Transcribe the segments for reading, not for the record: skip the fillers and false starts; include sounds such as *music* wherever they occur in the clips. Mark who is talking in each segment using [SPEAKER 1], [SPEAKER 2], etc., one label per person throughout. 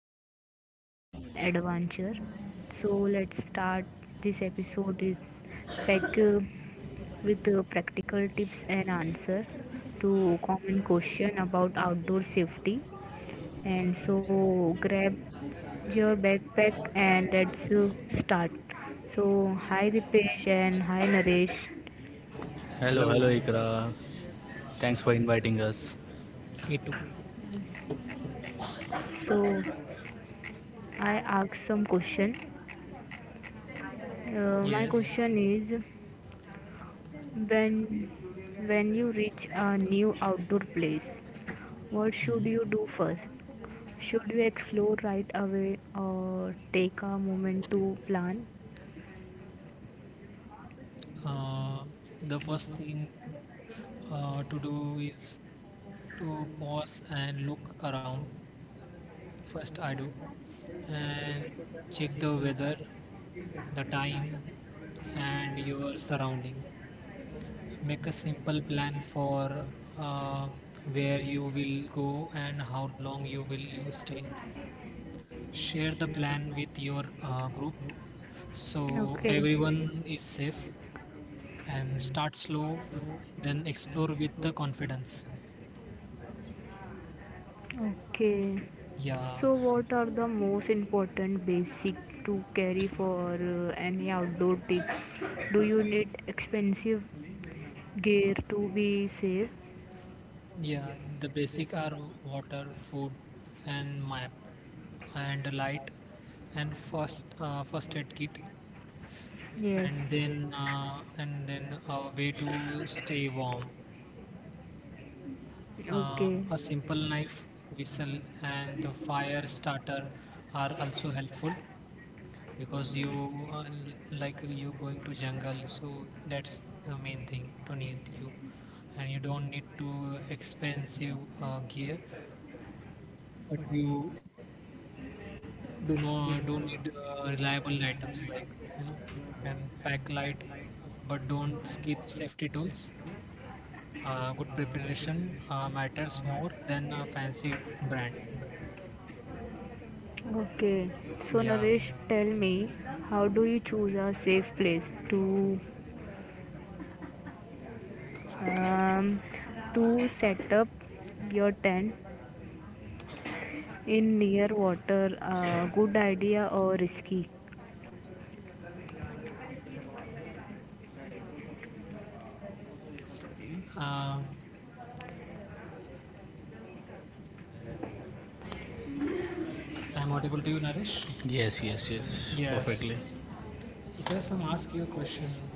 [SPEAKER 1] compare and adventure. So let's start. This episode is pack with practical tips and answer to common question about outdoor safety. And so grab your backpack and let's start. So hi Dipesh and hi Naresh.
[SPEAKER 2] Hello, hello
[SPEAKER 3] Hello,
[SPEAKER 2] Ikra. Thanks for inviting us.
[SPEAKER 3] me too.
[SPEAKER 1] So I ask some question. My
[SPEAKER 3] Yes.
[SPEAKER 1] question is When when you reach a new outdoor place, what should you
[SPEAKER 3] hmm
[SPEAKER 1] do first? Should you explore right away or take a moment to plan?
[SPEAKER 3] Uh, the first thing to do is to pause and look around. First, I do and check the weather, the time, and your surrounding. Make a simple plan for uh, where you will go and how long you will you stay. Share the plan with your group so
[SPEAKER 1] Okay.
[SPEAKER 3] everyone is safe, and start slow, then explore with the confidence.
[SPEAKER 1] Okay.
[SPEAKER 3] yeah
[SPEAKER 1] So what are the most important basic to carry for any outdoor trips? Do you need expensive gear to be safe?
[SPEAKER 3] yeah The basic are water, food, and map, and a light, and first aid kit.
[SPEAKER 1] Yes.
[SPEAKER 3] And then uh, and then a way to stay warm,
[SPEAKER 1] Okay.
[SPEAKER 3] a simple knife, whistle, and the fire starter are also helpful because you like you going to jungle, so that's the main thing to need you. And you don't need to expensive gear, but you do not do need reliable items, like you know and pack light, but don't skip safety tools. Uh, good preparation matters more than a fancy brand.
[SPEAKER 1] Okay, so
[SPEAKER 3] yeah
[SPEAKER 1] Naresh, tell me, how do you choose a safe place um, to set up your tent in near water? A good idea or risky?
[SPEAKER 3] uh, I'm audible to you, Naresh?
[SPEAKER 2] Yes, yes, yes,
[SPEAKER 3] Yes,
[SPEAKER 2] perfectly.
[SPEAKER 3] because I'm ask you a question.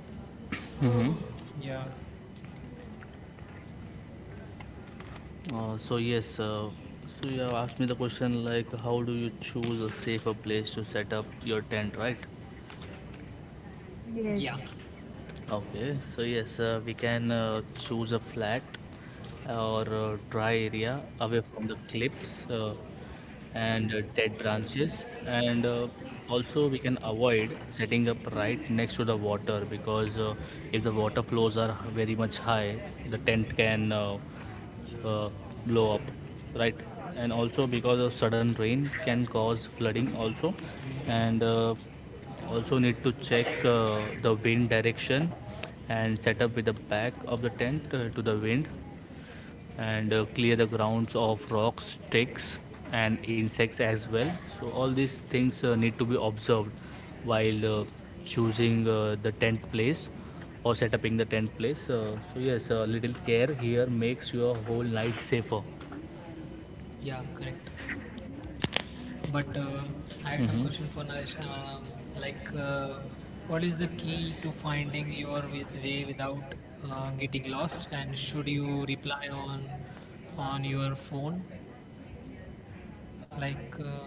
[SPEAKER 2] hmm
[SPEAKER 3] Yeah.
[SPEAKER 2] Uh, so yes, uh, so you have asked me the question like, how do you choose a safer place to set up your tent, right?
[SPEAKER 1] Yes.
[SPEAKER 3] Yeah,
[SPEAKER 2] Okay, so yes, we can choose a flat or dry area away from the cliffs and dead branches, and also we can avoid setting up right next to the water because if the water flows are very much high, the tent can uh, blow up, right, and also because of sudden rain can cause flooding also, and also need to check the wind direction and set up with the back of the tent to the wind and clear the grounds of rocks, sticks, and insects as well. So, all these things need to be observed while choosing the tent place or setting the tent place. Yes, a little care here makes your whole night safer.
[SPEAKER 3] yeah, correct. But I had some
[SPEAKER 2] hmm
[SPEAKER 3] question for Naresh. Like, what is the key to finding your with way without getting lost? And should you reply on your phone? Like, uh,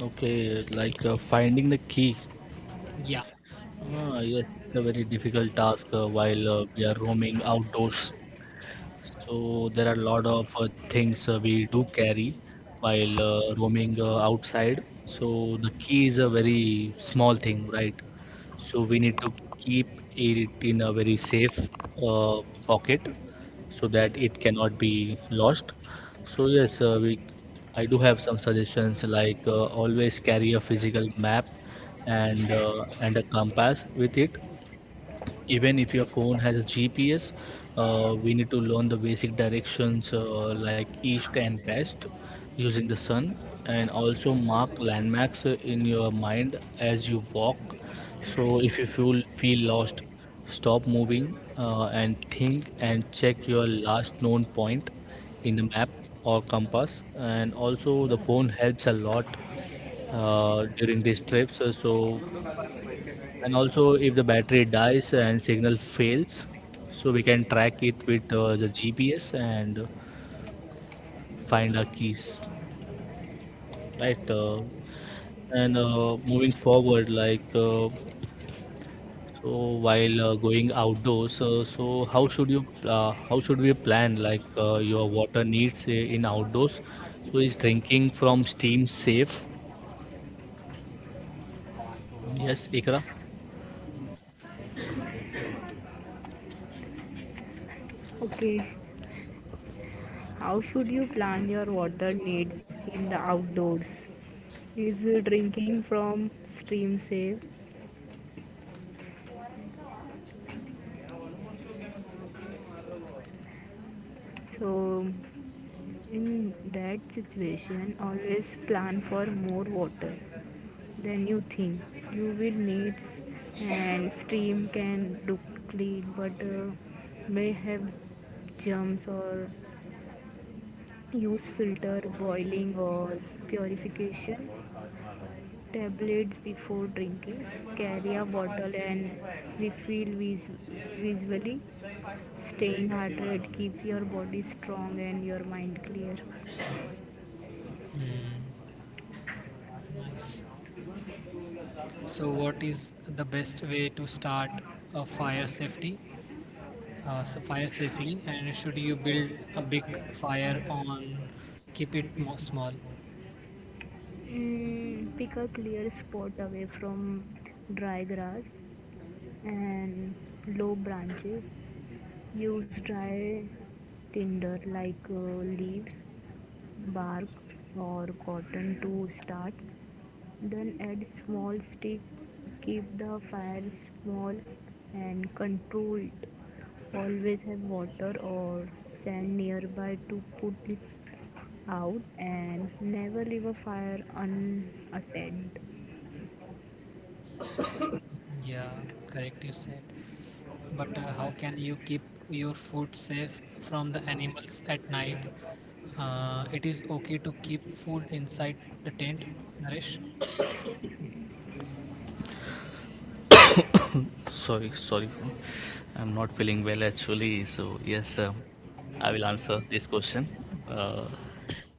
[SPEAKER 2] Okay, like finding the key.
[SPEAKER 3] yeah.
[SPEAKER 2] Yes, it's a very difficult task while we are roaming outdoors. So there are a lot of things we do carry while roaming outside. So the key is a very small thing, right? So we need to keep it in a very safe uh, pocket so that it cannot be lost. So yes, we I do have some suggestions like always carry a physical map and and a compass with it even if your phone has a GPS. We need to learn the basic directions like east and west using the sun, and also mark landmarks in your mind as you walk. So if you feel lost, stop moving and think and check your last known point in the map or compass. And also the phone helps a lot during these trips. So and also if the battery dies and signal fails, so we can track it with the gps and find our keys, right. And Moving forward, like so while going outdoors, how should you how should we plan, like your water needs in outdoors, so is drinking from steam safe, yes Ikra.
[SPEAKER 1] Okay. How should you plan your water needs in the outdoors? Is drinking from stream safe? So, in that situation, always plan for more water than you think you will need, and stream can look clean but may have germs or use filter boiling or purification tablets before drinking carry a bottle and refill visually staying hydrated keep your body strong and your mind clear.
[SPEAKER 3] Hmm. Nice. So, what is the best way to start a fire safety? Fire safely, and should you build a big fire on? Keep it more small.
[SPEAKER 1] Mm, pick a clear spot away from dry grass and low branches use dry tinder like leaves bark or cotton to start then add small stick keep the fire small and controlled always have water or sand nearby to put it out and never leave a fire unattended.
[SPEAKER 3] Yeah, correct, you said. But how can you keep your food safe from the animals at night? It is okay to keep food inside the tent, Naresh?
[SPEAKER 2] Sorry, sorry, for- I'm not feeling well actually. So yes, I will answer this question. Uh,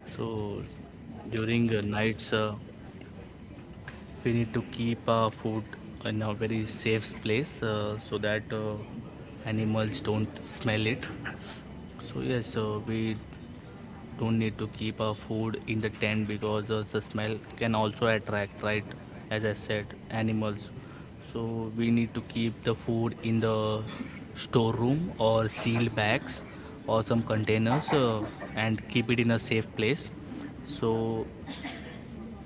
[SPEAKER 2] so during nights, we need to keep our food in a very safe place so that animals don't smell it. So yes, we don't need to keep our food in the tent because the smell can also attract, right, as I said, animals. So we need to keep the food in the storeroom or sealed bags or some containers, and keep it in a safe place so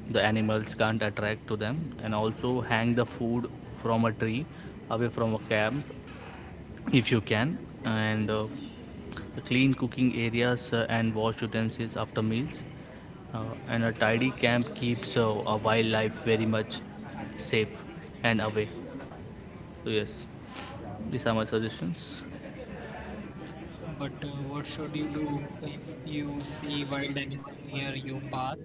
[SPEAKER 2] the animals can't attract to them. And also hang the food from a tree away from a camp if you can, and clean cooking areas and wash utensils after meals, and a tidy camp keeps a wildlife very much safe and away. So yes, these are my suggestions.
[SPEAKER 3] But what should you do if you see wild animal near your path?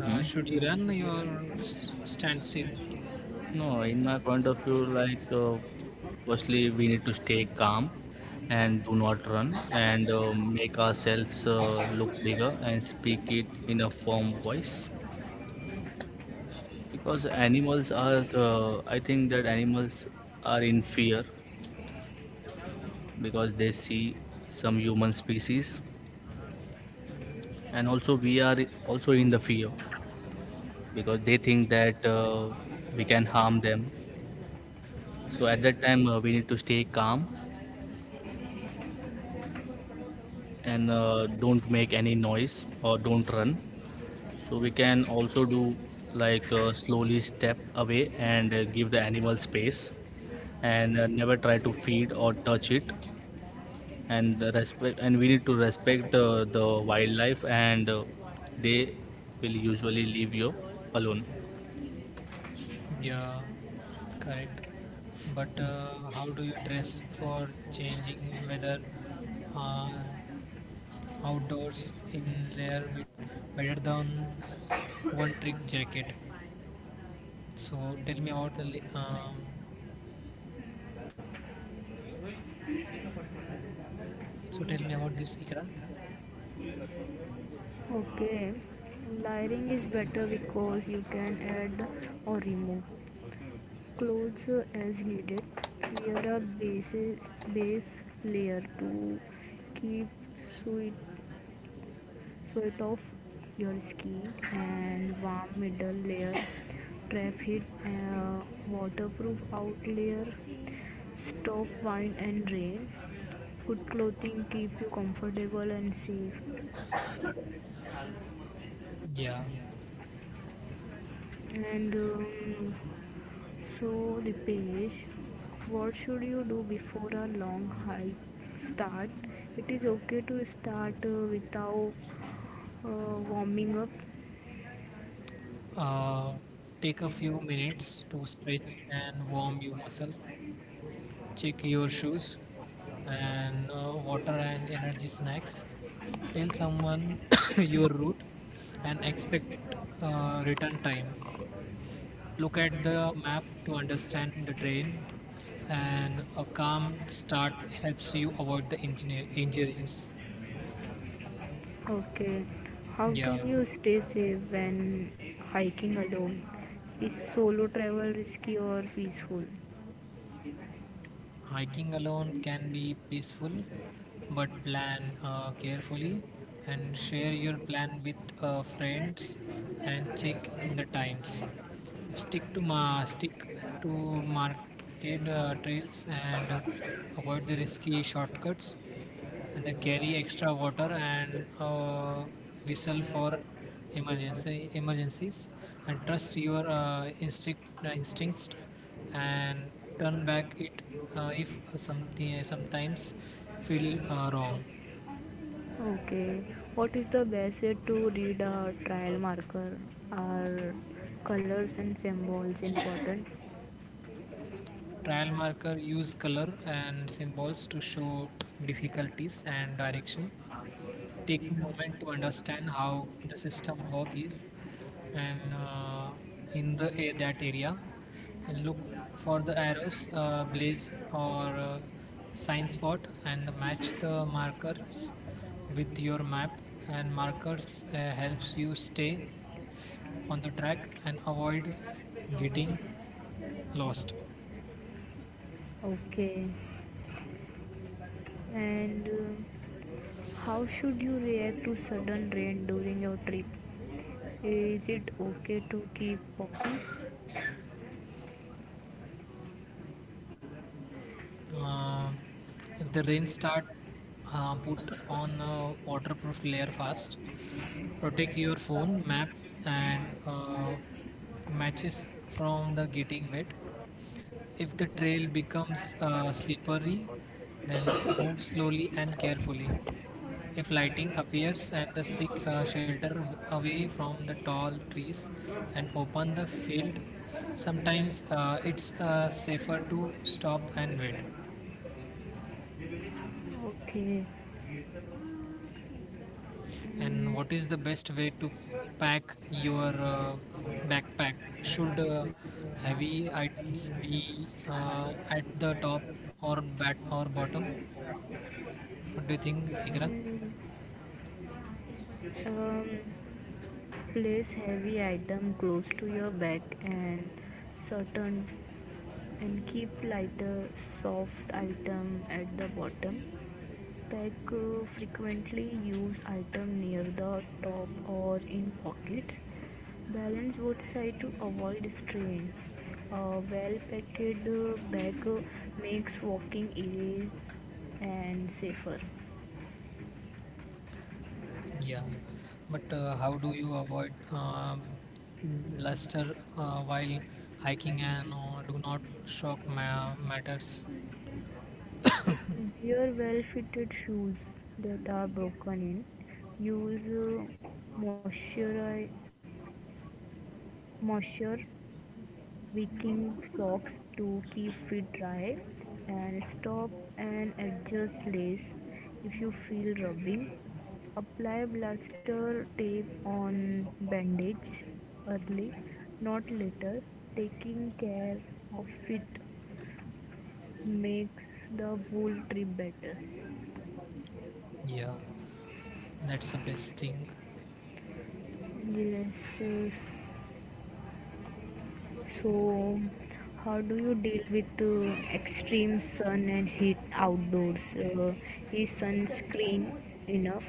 [SPEAKER 3] Should you run or stand still?
[SPEAKER 2] No, in my point of view, like firstly we need to stay calm and do not run and make ourselves look bigger and speak it in a firm voice, because animals are I think that animals are in fear because they see some human species, and also we are also in the fear because they think that we can harm them. So at that time we need to stay calm and don't make any noise or don't run. So we can also do, like slowly step away and give the animal space, and never try to feed or touch it, and the respect, and we need to respect the wildlife, and they will usually leave you alone.
[SPEAKER 3] Yeah, correct. But how do you dress for changing weather? Uh, Outdoors in layer with better than one trick jacket. So tell me about the So tell me about this, Ikra.
[SPEAKER 1] Okay, layering is better because you can add or remove clothes as needed. Wear a base layer to keep sweat, sweat off your skin and warm middle layer, trap heat, waterproof out layer, stop wind and rain. Good clothing keep you comfortable and safe.
[SPEAKER 3] Yeah.
[SPEAKER 1] And so the page what should you do before a long hike start it is okay to start without uh, warming up.
[SPEAKER 3] Uh, take a few minutes to stretch and warm your muscle. Check your shoes and water and energy snacks. Tell someone *coughs* your route and expect return time. Look at the map to understand the terrain, and a calm start helps you avoid the injuries.
[SPEAKER 1] Okay, how can
[SPEAKER 3] Yeah,
[SPEAKER 1] you stay safe when hiking alone is solo travel risky or peaceful?
[SPEAKER 3] hiking alone can be peaceful, but plan carefully and share your plan with friends and check in the times. Stick to marked trails and avoid the risky shortcuts. And then carry extra water and whistle for emergency emergencies and trust your instincts and turn back it if something sometimes feel wrong.
[SPEAKER 1] Okay, what is the best way to read a trail marker are colors and symbols important?
[SPEAKER 3] Trial marker use color and symbols to show difficulties and direction. Take a moment to understand how the system work is, and in that area, and look for the arrows, blaze or sign spot, and match the markers with your map, and markers helps you stay on the track and avoid getting lost.
[SPEAKER 1] Okay. And how should you react to sudden rain during your trip? Is it okay to keep walking?
[SPEAKER 3] Uh, if the rain start, put on a waterproof layer fast. Protect your phone, map, and matches from the getting wet. If the trail becomes slippery, then *coughs* move slowly and carefully. If lighting appears and the sick shelter away from the tall trees and open the field, sometimes it's safer to stop and wait.
[SPEAKER 1] Okay.
[SPEAKER 3] And
[SPEAKER 1] Mm,
[SPEAKER 3] what is the best way to pack your backpack? Should heavy items be at the top or bat or bottom? What do you think, Ikra?
[SPEAKER 1] mm, um, place heavy item close to your back and certain and keep lighter soft item at the bottom. Pack frequently used item near the top or in pockets. Balance both sides to avoid strain. A well packed bag makes walking easy and safer.
[SPEAKER 3] Yeah, but how do you avoid luster while hiking, and do not shock matters?
[SPEAKER 1] Wear well fitted shoes that are broken in. Use moisturizer moisture wicking socks to keep feet dry and stop and adjust lace if you feel rubbing apply blister tape on bandage early not later taking care of it makes the wool trip better.
[SPEAKER 3] Yeah, that's the best thing.
[SPEAKER 1] Yes, uh, so, how do you deal with extreme sun and heat outdoors? Is sunscreen enough?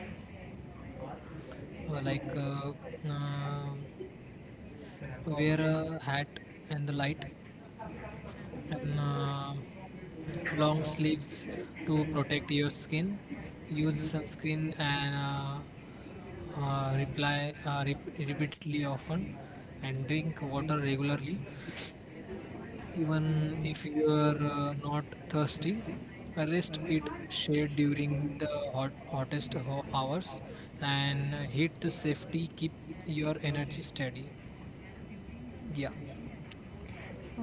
[SPEAKER 3] Uh, like uh, um Wear a hat and the light and long sleeves to protect your skin. Use sunscreen and repeatedly often and drink water regularly even if you are not thirsty. Rest it shade during the hottest hours, and hit the safety, keep your energy steady. Yeah.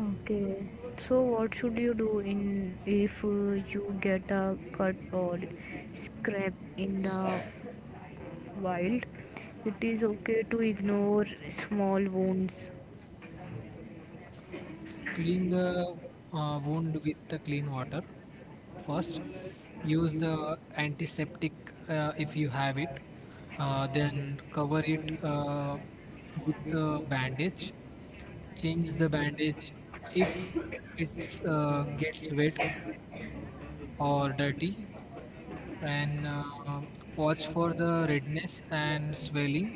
[SPEAKER 1] Okay. So, what should you do in if you get a cut or scrape in the wild? It is okay to ignore small wounds.
[SPEAKER 3] Clean the wound with the clean water first. Use the antiseptic if you have it. Then cover it with the bandage. Change the bandage if it gets wet or dirty. And watch for the redness and swelling.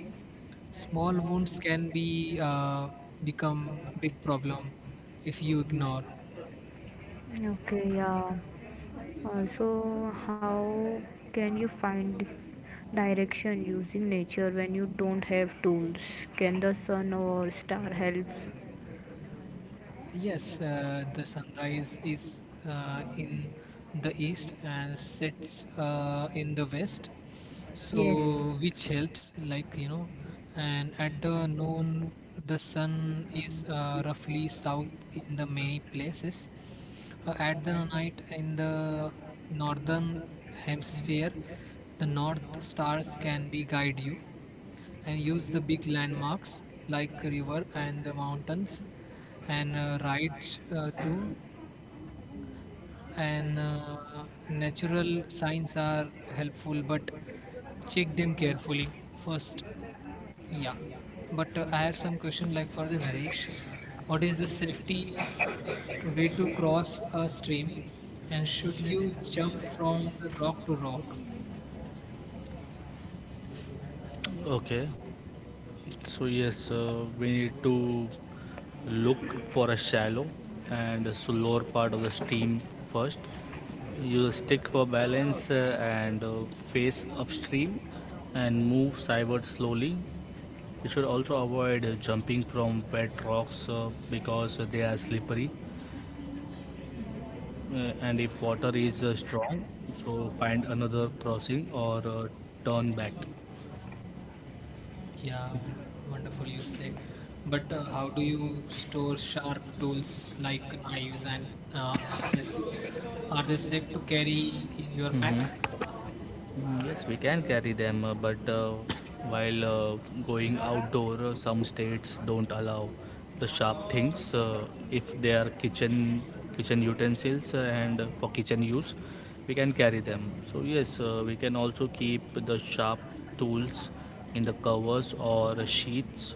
[SPEAKER 3] Small wounds can be become big problem if you ignore.
[SPEAKER 1] Okay, yeah. So how can you find direction using nature when you don't have tools? Can the sun or star helps?
[SPEAKER 3] Yes, the sunrise is in the east and sets in the west, so
[SPEAKER 1] Mm,
[SPEAKER 3] which helps, like, and at the noon, the sun is roughly south in the many places. Uh, at the night in the northern hemisphere, the north stars can be guide you, and use the big landmarks like river and the mountains, and rides to and natural signs are helpful but check them carefully first. Yeah, but I have some question like for the Naresh. What is the safety way to cross a stream, and should you jump from the rock to rock?
[SPEAKER 2] Okay. So yes, we need to look for a shallow and slower part of the steam first. Use a stick for balance and face upstream and move sideward slowly. You should also avoid jumping from wet rocks because they are slippery. And if water is strong, so find another crossing or turn back.
[SPEAKER 3] Yeah, wonderful, you said. But how do you store sharp tools like knives and axes? Are they safe to carry in your
[SPEAKER 2] Mhm.
[SPEAKER 3] pack?
[SPEAKER 2] Yes, we can carry them, but while going outdoor, some states don't allow the sharp things if they are kitchen utensils, and for kitchen use, we can carry them. So yes, we can also keep the sharp tools in the covers or sheets.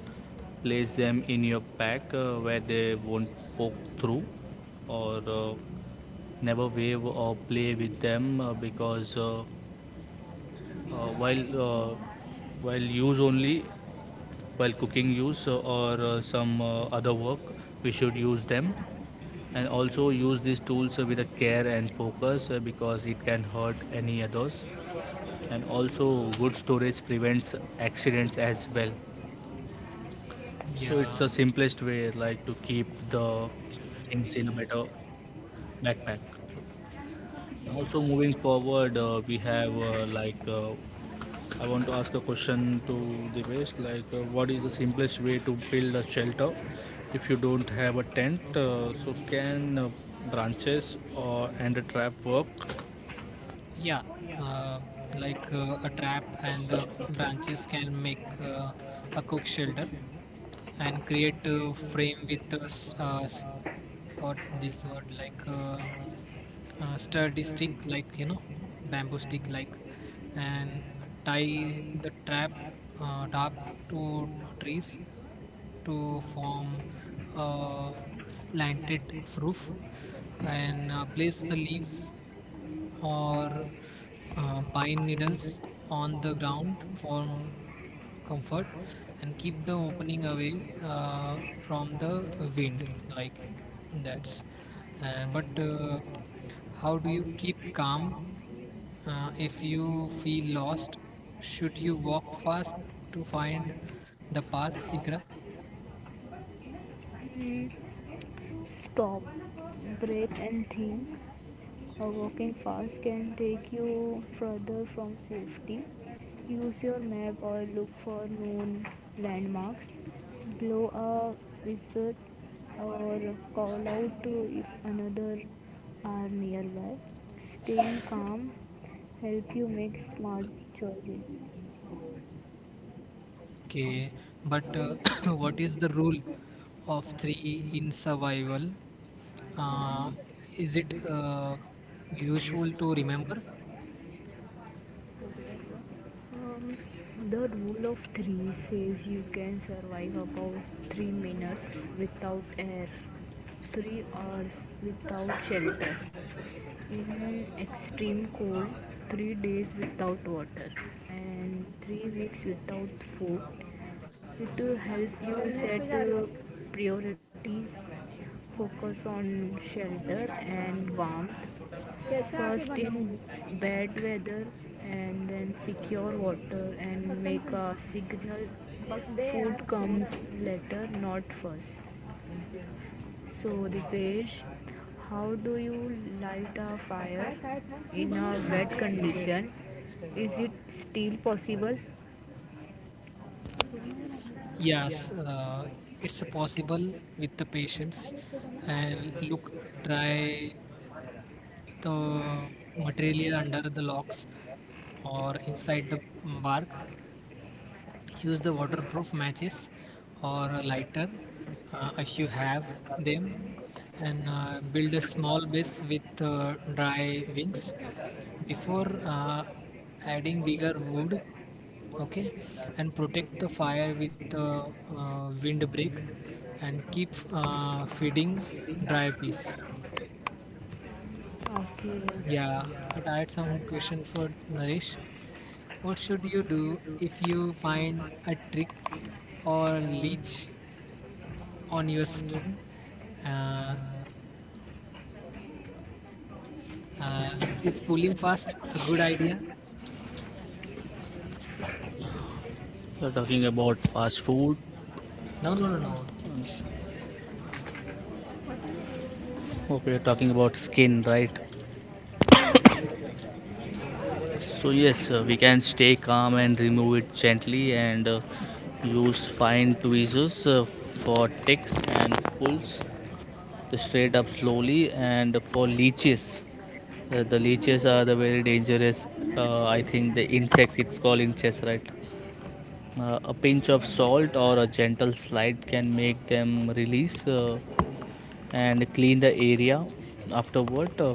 [SPEAKER 2] Place them in your pack where they won't poke through, or never wave or play with them because. Uh, while uh, while use only while cooking use or some other work we should use them, and also use these tools with a care and focus because it can hurt any others, and also good storage prevents accidents as well. So it's
[SPEAKER 3] Yeah.
[SPEAKER 2] the simplest way, like, to keep the things in a better backpack. Also moving forward, we have, I want to ask a question to Divesh, like what is the simplest way to build a shelter if you don't have a tent? So can branches or and a trap work?
[SPEAKER 3] Yeah, uh, a trap and the branches can make a cook shelter, and create a frame with what this word like, sturdy stick, like, bamboo stick, like, and tie the trap top to trees to form a slanted roof, and place the leaves or pine needles on the ground for comfort, and keep the opening away from the wind, like, that's. And but how do you keep calm if you feel lost? Should you walk fast to find the path, Ikra?
[SPEAKER 1] stop, breathe, and think. Walking fast can take you further from safety. Use your map or look for known landmarks. Blow a whistle or call out to if another are nearby. Staying calm help you make smart choices.
[SPEAKER 3] Okay, but
[SPEAKER 1] When-
[SPEAKER 3] *coughs* what is the rule of three in survival? Uh, is it useful to remember?
[SPEAKER 1] Um, the rule of three says you can survive about 3 minutes without air, 3 hours without shelter, in extreme cold, 3 days without water, and 3 weeks without food. It will help you set priorities, focus on shelter and warmth, first in bad weather and then secure water and make a signal food comes later not first so the page how do you light a fire in a wet condition is it still possible.
[SPEAKER 3] Yes, it's possible with the patients. And look, dry the material under the locks or inside the bark. Use the waterproof matches or a lighter if you have them, and build a small base with dry wings before adding bigger wood. Okay. And protect the fire with the windbreak and keep feeding dry piece.
[SPEAKER 1] Okay.
[SPEAKER 3] Yeah, I had some question for Naresh. What should you do if you find a trick or leech on your skin? Uh, uh, is pulling fast a good idea?
[SPEAKER 2] You're talking about fast food.
[SPEAKER 3] No, no, no, no.
[SPEAKER 2] Okay, you're talking about skin, right? So yes, we can stay calm and remove it gently and use fine tweezers for ticks and pulls. The straight up slowly, and for leeches, the leeches are the very dangerous I think the insects, it's called in chess, right. A pinch of salt or a gentle slide can make them release, and clean the area afterward,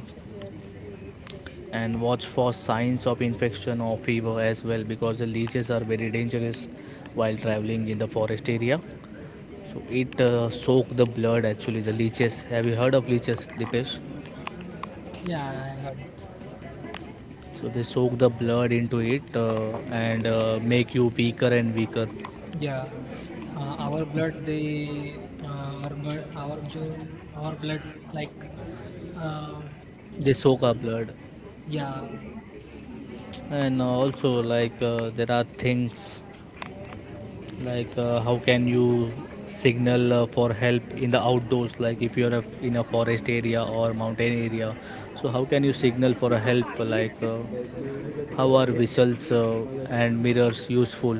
[SPEAKER 2] and watch for signs of infection or fever as well, because the leeches are very dangerous while traveling in the forest area. So it soak the blood, actually. The leeches, have you heard of leeches, Dipesh?
[SPEAKER 3] Yeah, I got.
[SPEAKER 2] So they soak the blood into it, and make you weaker and weaker.
[SPEAKER 3] Yeah, our blood, they, our blood, our jo, our blood, like, uh,
[SPEAKER 2] They soak our blood,
[SPEAKER 3] yeah.
[SPEAKER 2] and also like there are things like how can you signal for help in the outdoors? Like if you're a, in a forest area or mountain area, so how can you signal for a help? Like how are whistles and mirrors useful?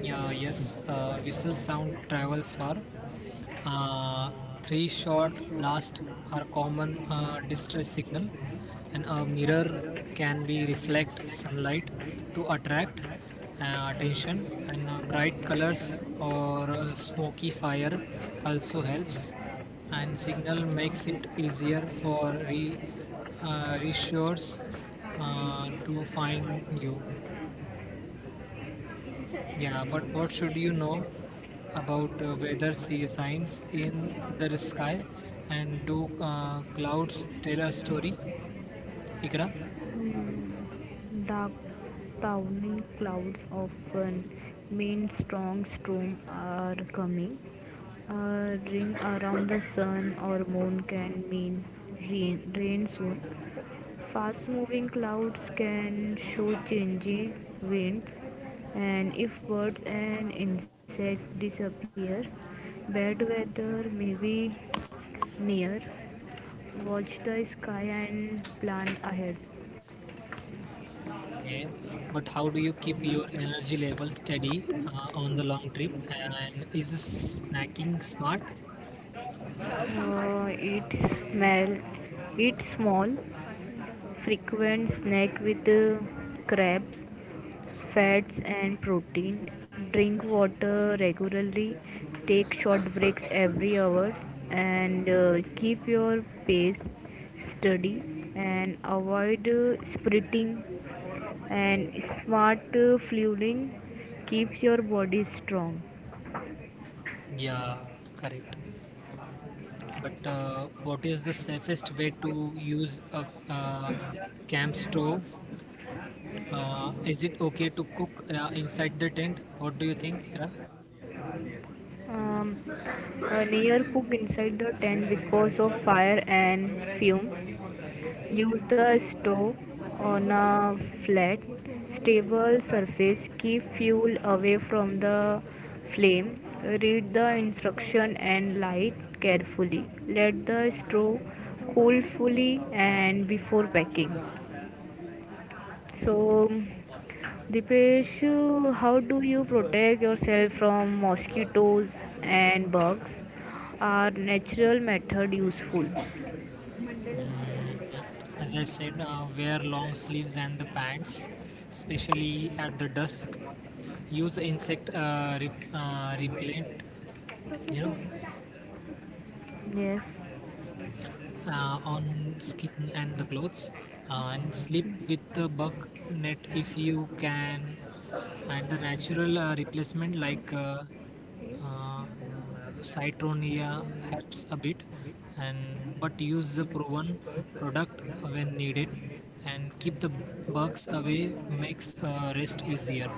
[SPEAKER 3] Yeah, yes, whistle sound travels far. Uh, three shot blast are common distress signal, and a mirror can be reflect sunlight to attract attention. And bright colors or smoky fire also helps. And signal makes it easier for re reassures to find you. Yeah, but what should you know about weather sea signs in the sky? And do clouds tell a story, Ikra?
[SPEAKER 1] Dark towering clouds often mean strong storms are coming. A ring around the sun or moon can mean rain soon. Fast moving clouds can show changing winds, and if birds and insects disappear, bad weather may be near. Watch the sky and plan ahead.
[SPEAKER 3] Okay. But how do you keep your energy level steady on the long trip? And is snacking smart?
[SPEAKER 1] Uh, it smell it's small, frequent snack with crabs, fats and protein. Drink water regularly, take short breaks every hour and keep your pace steady and avoid sprinting and smart fueling keeps your body strong.
[SPEAKER 3] Yeah, correct. But what is the safest way to use a uh, camp stove? Is it okay to cook inside the tent? What do you think, Ikra?
[SPEAKER 1] Um, a near cook inside the tent because of fire and fume. Use the stove on a flat, stable surface. Keep fuel away from the flame. Read the instruction and light carefully. Let the straw cool fully and before packing. So, Dipesh, how do you protect yourself from mosquitoes and bugs? Are natural method useful?
[SPEAKER 3] Mm, as I said, wear long sleeves and the pants, especially at the dusk. Use insect repellent, you know,
[SPEAKER 1] Yes.
[SPEAKER 3] on skin and the clothes, and sleep with the bug net if you can. And the natural replacement like, uh, citronia helps a bit. And but use the proven product when needed, and keep the bugs away makes rest easier.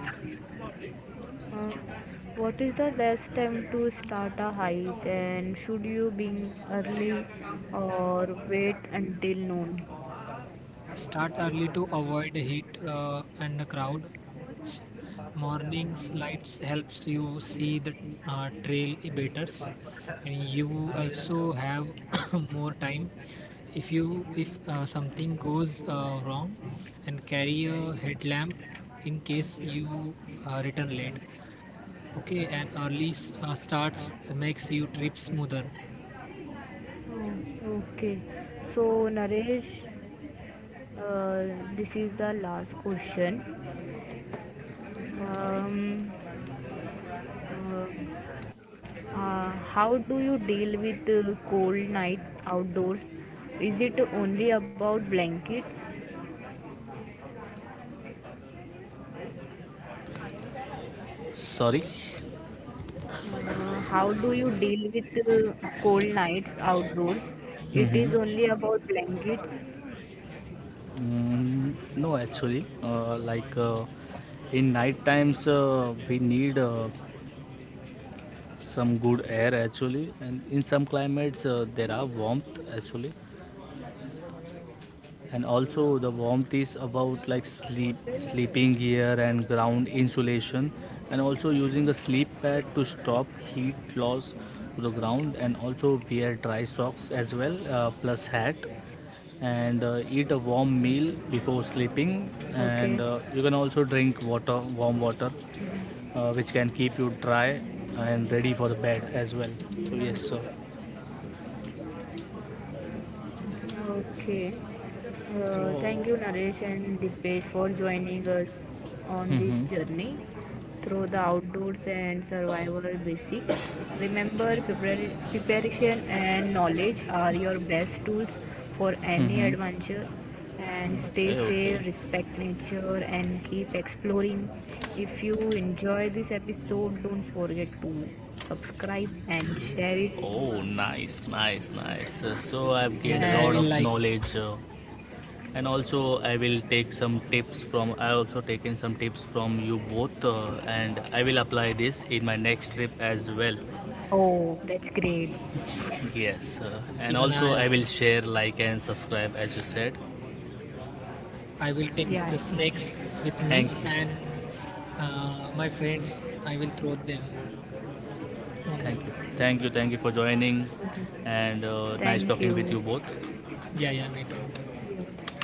[SPEAKER 1] Uh, what is the best time to start a hike and should you be early or wait until noon?
[SPEAKER 3] Start early to avoid heat and the crowds. Morning's lights helps you see the trail better, and you also have *coughs* more time if you if something goes wrong, and carry a headlamp in case you return late. Okay, and early starts makes you trip smoother.
[SPEAKER 1] Oh, okay. So Naresh, uh, this is the last question. Um, Uh, how do you deal with cold night outdoors? Is it only about blankets?
[SPEAKER 2] Sorry.
[SPEAKER 1] How do you deal with cold nights outdoors? It
[SPEAKER 2] hmm
[SPEAKER 1] is only about blankets.
[SPEAKER 2] No, actually, in night times, we need some good air actually, and in some climates there are warmth actually, and also the warmth is about like sleep, sleeping gear and ground insulation, and also using a sleep pad to stop heat loss to the ground, and also wear dry socks as well, plus hat, and eat a warm meal before
[SPEAKER 1] Okay.
[SPEAKER 2] sleeping, and you can also drink water, warm water, which can keep you dry and ready for the bed as well. So yes, sir.
[SPEAKER 1] Okay. Thank you, Naresh
[SPEAKER 2] So
[SPEAKER 1] and Dipesh, for joining us on this journey
[SPEAKER 2] mm-hmm.
[SPEAKER 1] through the outdoors and survival basic. Remember, preparation and knowledge are your best tools for any
[SPEAKER 2] Mm-hmm.
[SPEAKER 1] adventure. And stay
[SPEAKER 2] Okay,
[SPEAKER 1] safe,
[SPEAKER 2] okay.
[SPEAKER 1] respect nature, and keep exploring. If you enjoy this episode, don't forget to subscribe and share it
[SPEAKER 2] Oh, nice, nice, nice. So I've gained a
[SPEAKER 3] Yes, I
[SPEAKER 2] lot
[SPEAKER 3] will,
[SPEAKER 1] and.
[SPEAKER 2] of
[SPEAKER 3] like,
[SPEAKER 2] knowledge, and also I will take some tips from I also taken some tips from you both, and I will apply this in my next trip as well.
[SPEAKER 1] Oh, that's great.
[SPEAKER 2] Yes, and
[SPEAKER 3] even
[SPEAKER 2] also
[SPEAKER 3] I
[SPEAKER 2] I will
[SPEAKER 3] also.
[SPEAKER 2] share, like, and subscribe as you said.
[SPEAKER 3] I will take the
[SPEAKER 1] Yeah.
[SPEAKER 3] snakes with me
[SPEAKER 2] Thank
[SPEAKER 3] and
[SPEAKER 2] you,
[SPEAKER 3] my friends. I will throw them on them.
[SPEAKER 2] thank you, thank you, thank you for joining, and
[SPEAKER 1] Thank
[SPEAKER 2] nice
[SPEAKER 1] you.
[SPEAKER 2] talking with you both.
[SPEAKER 3] Yeah, yeah, me too.
[SPEAKER 1] Same.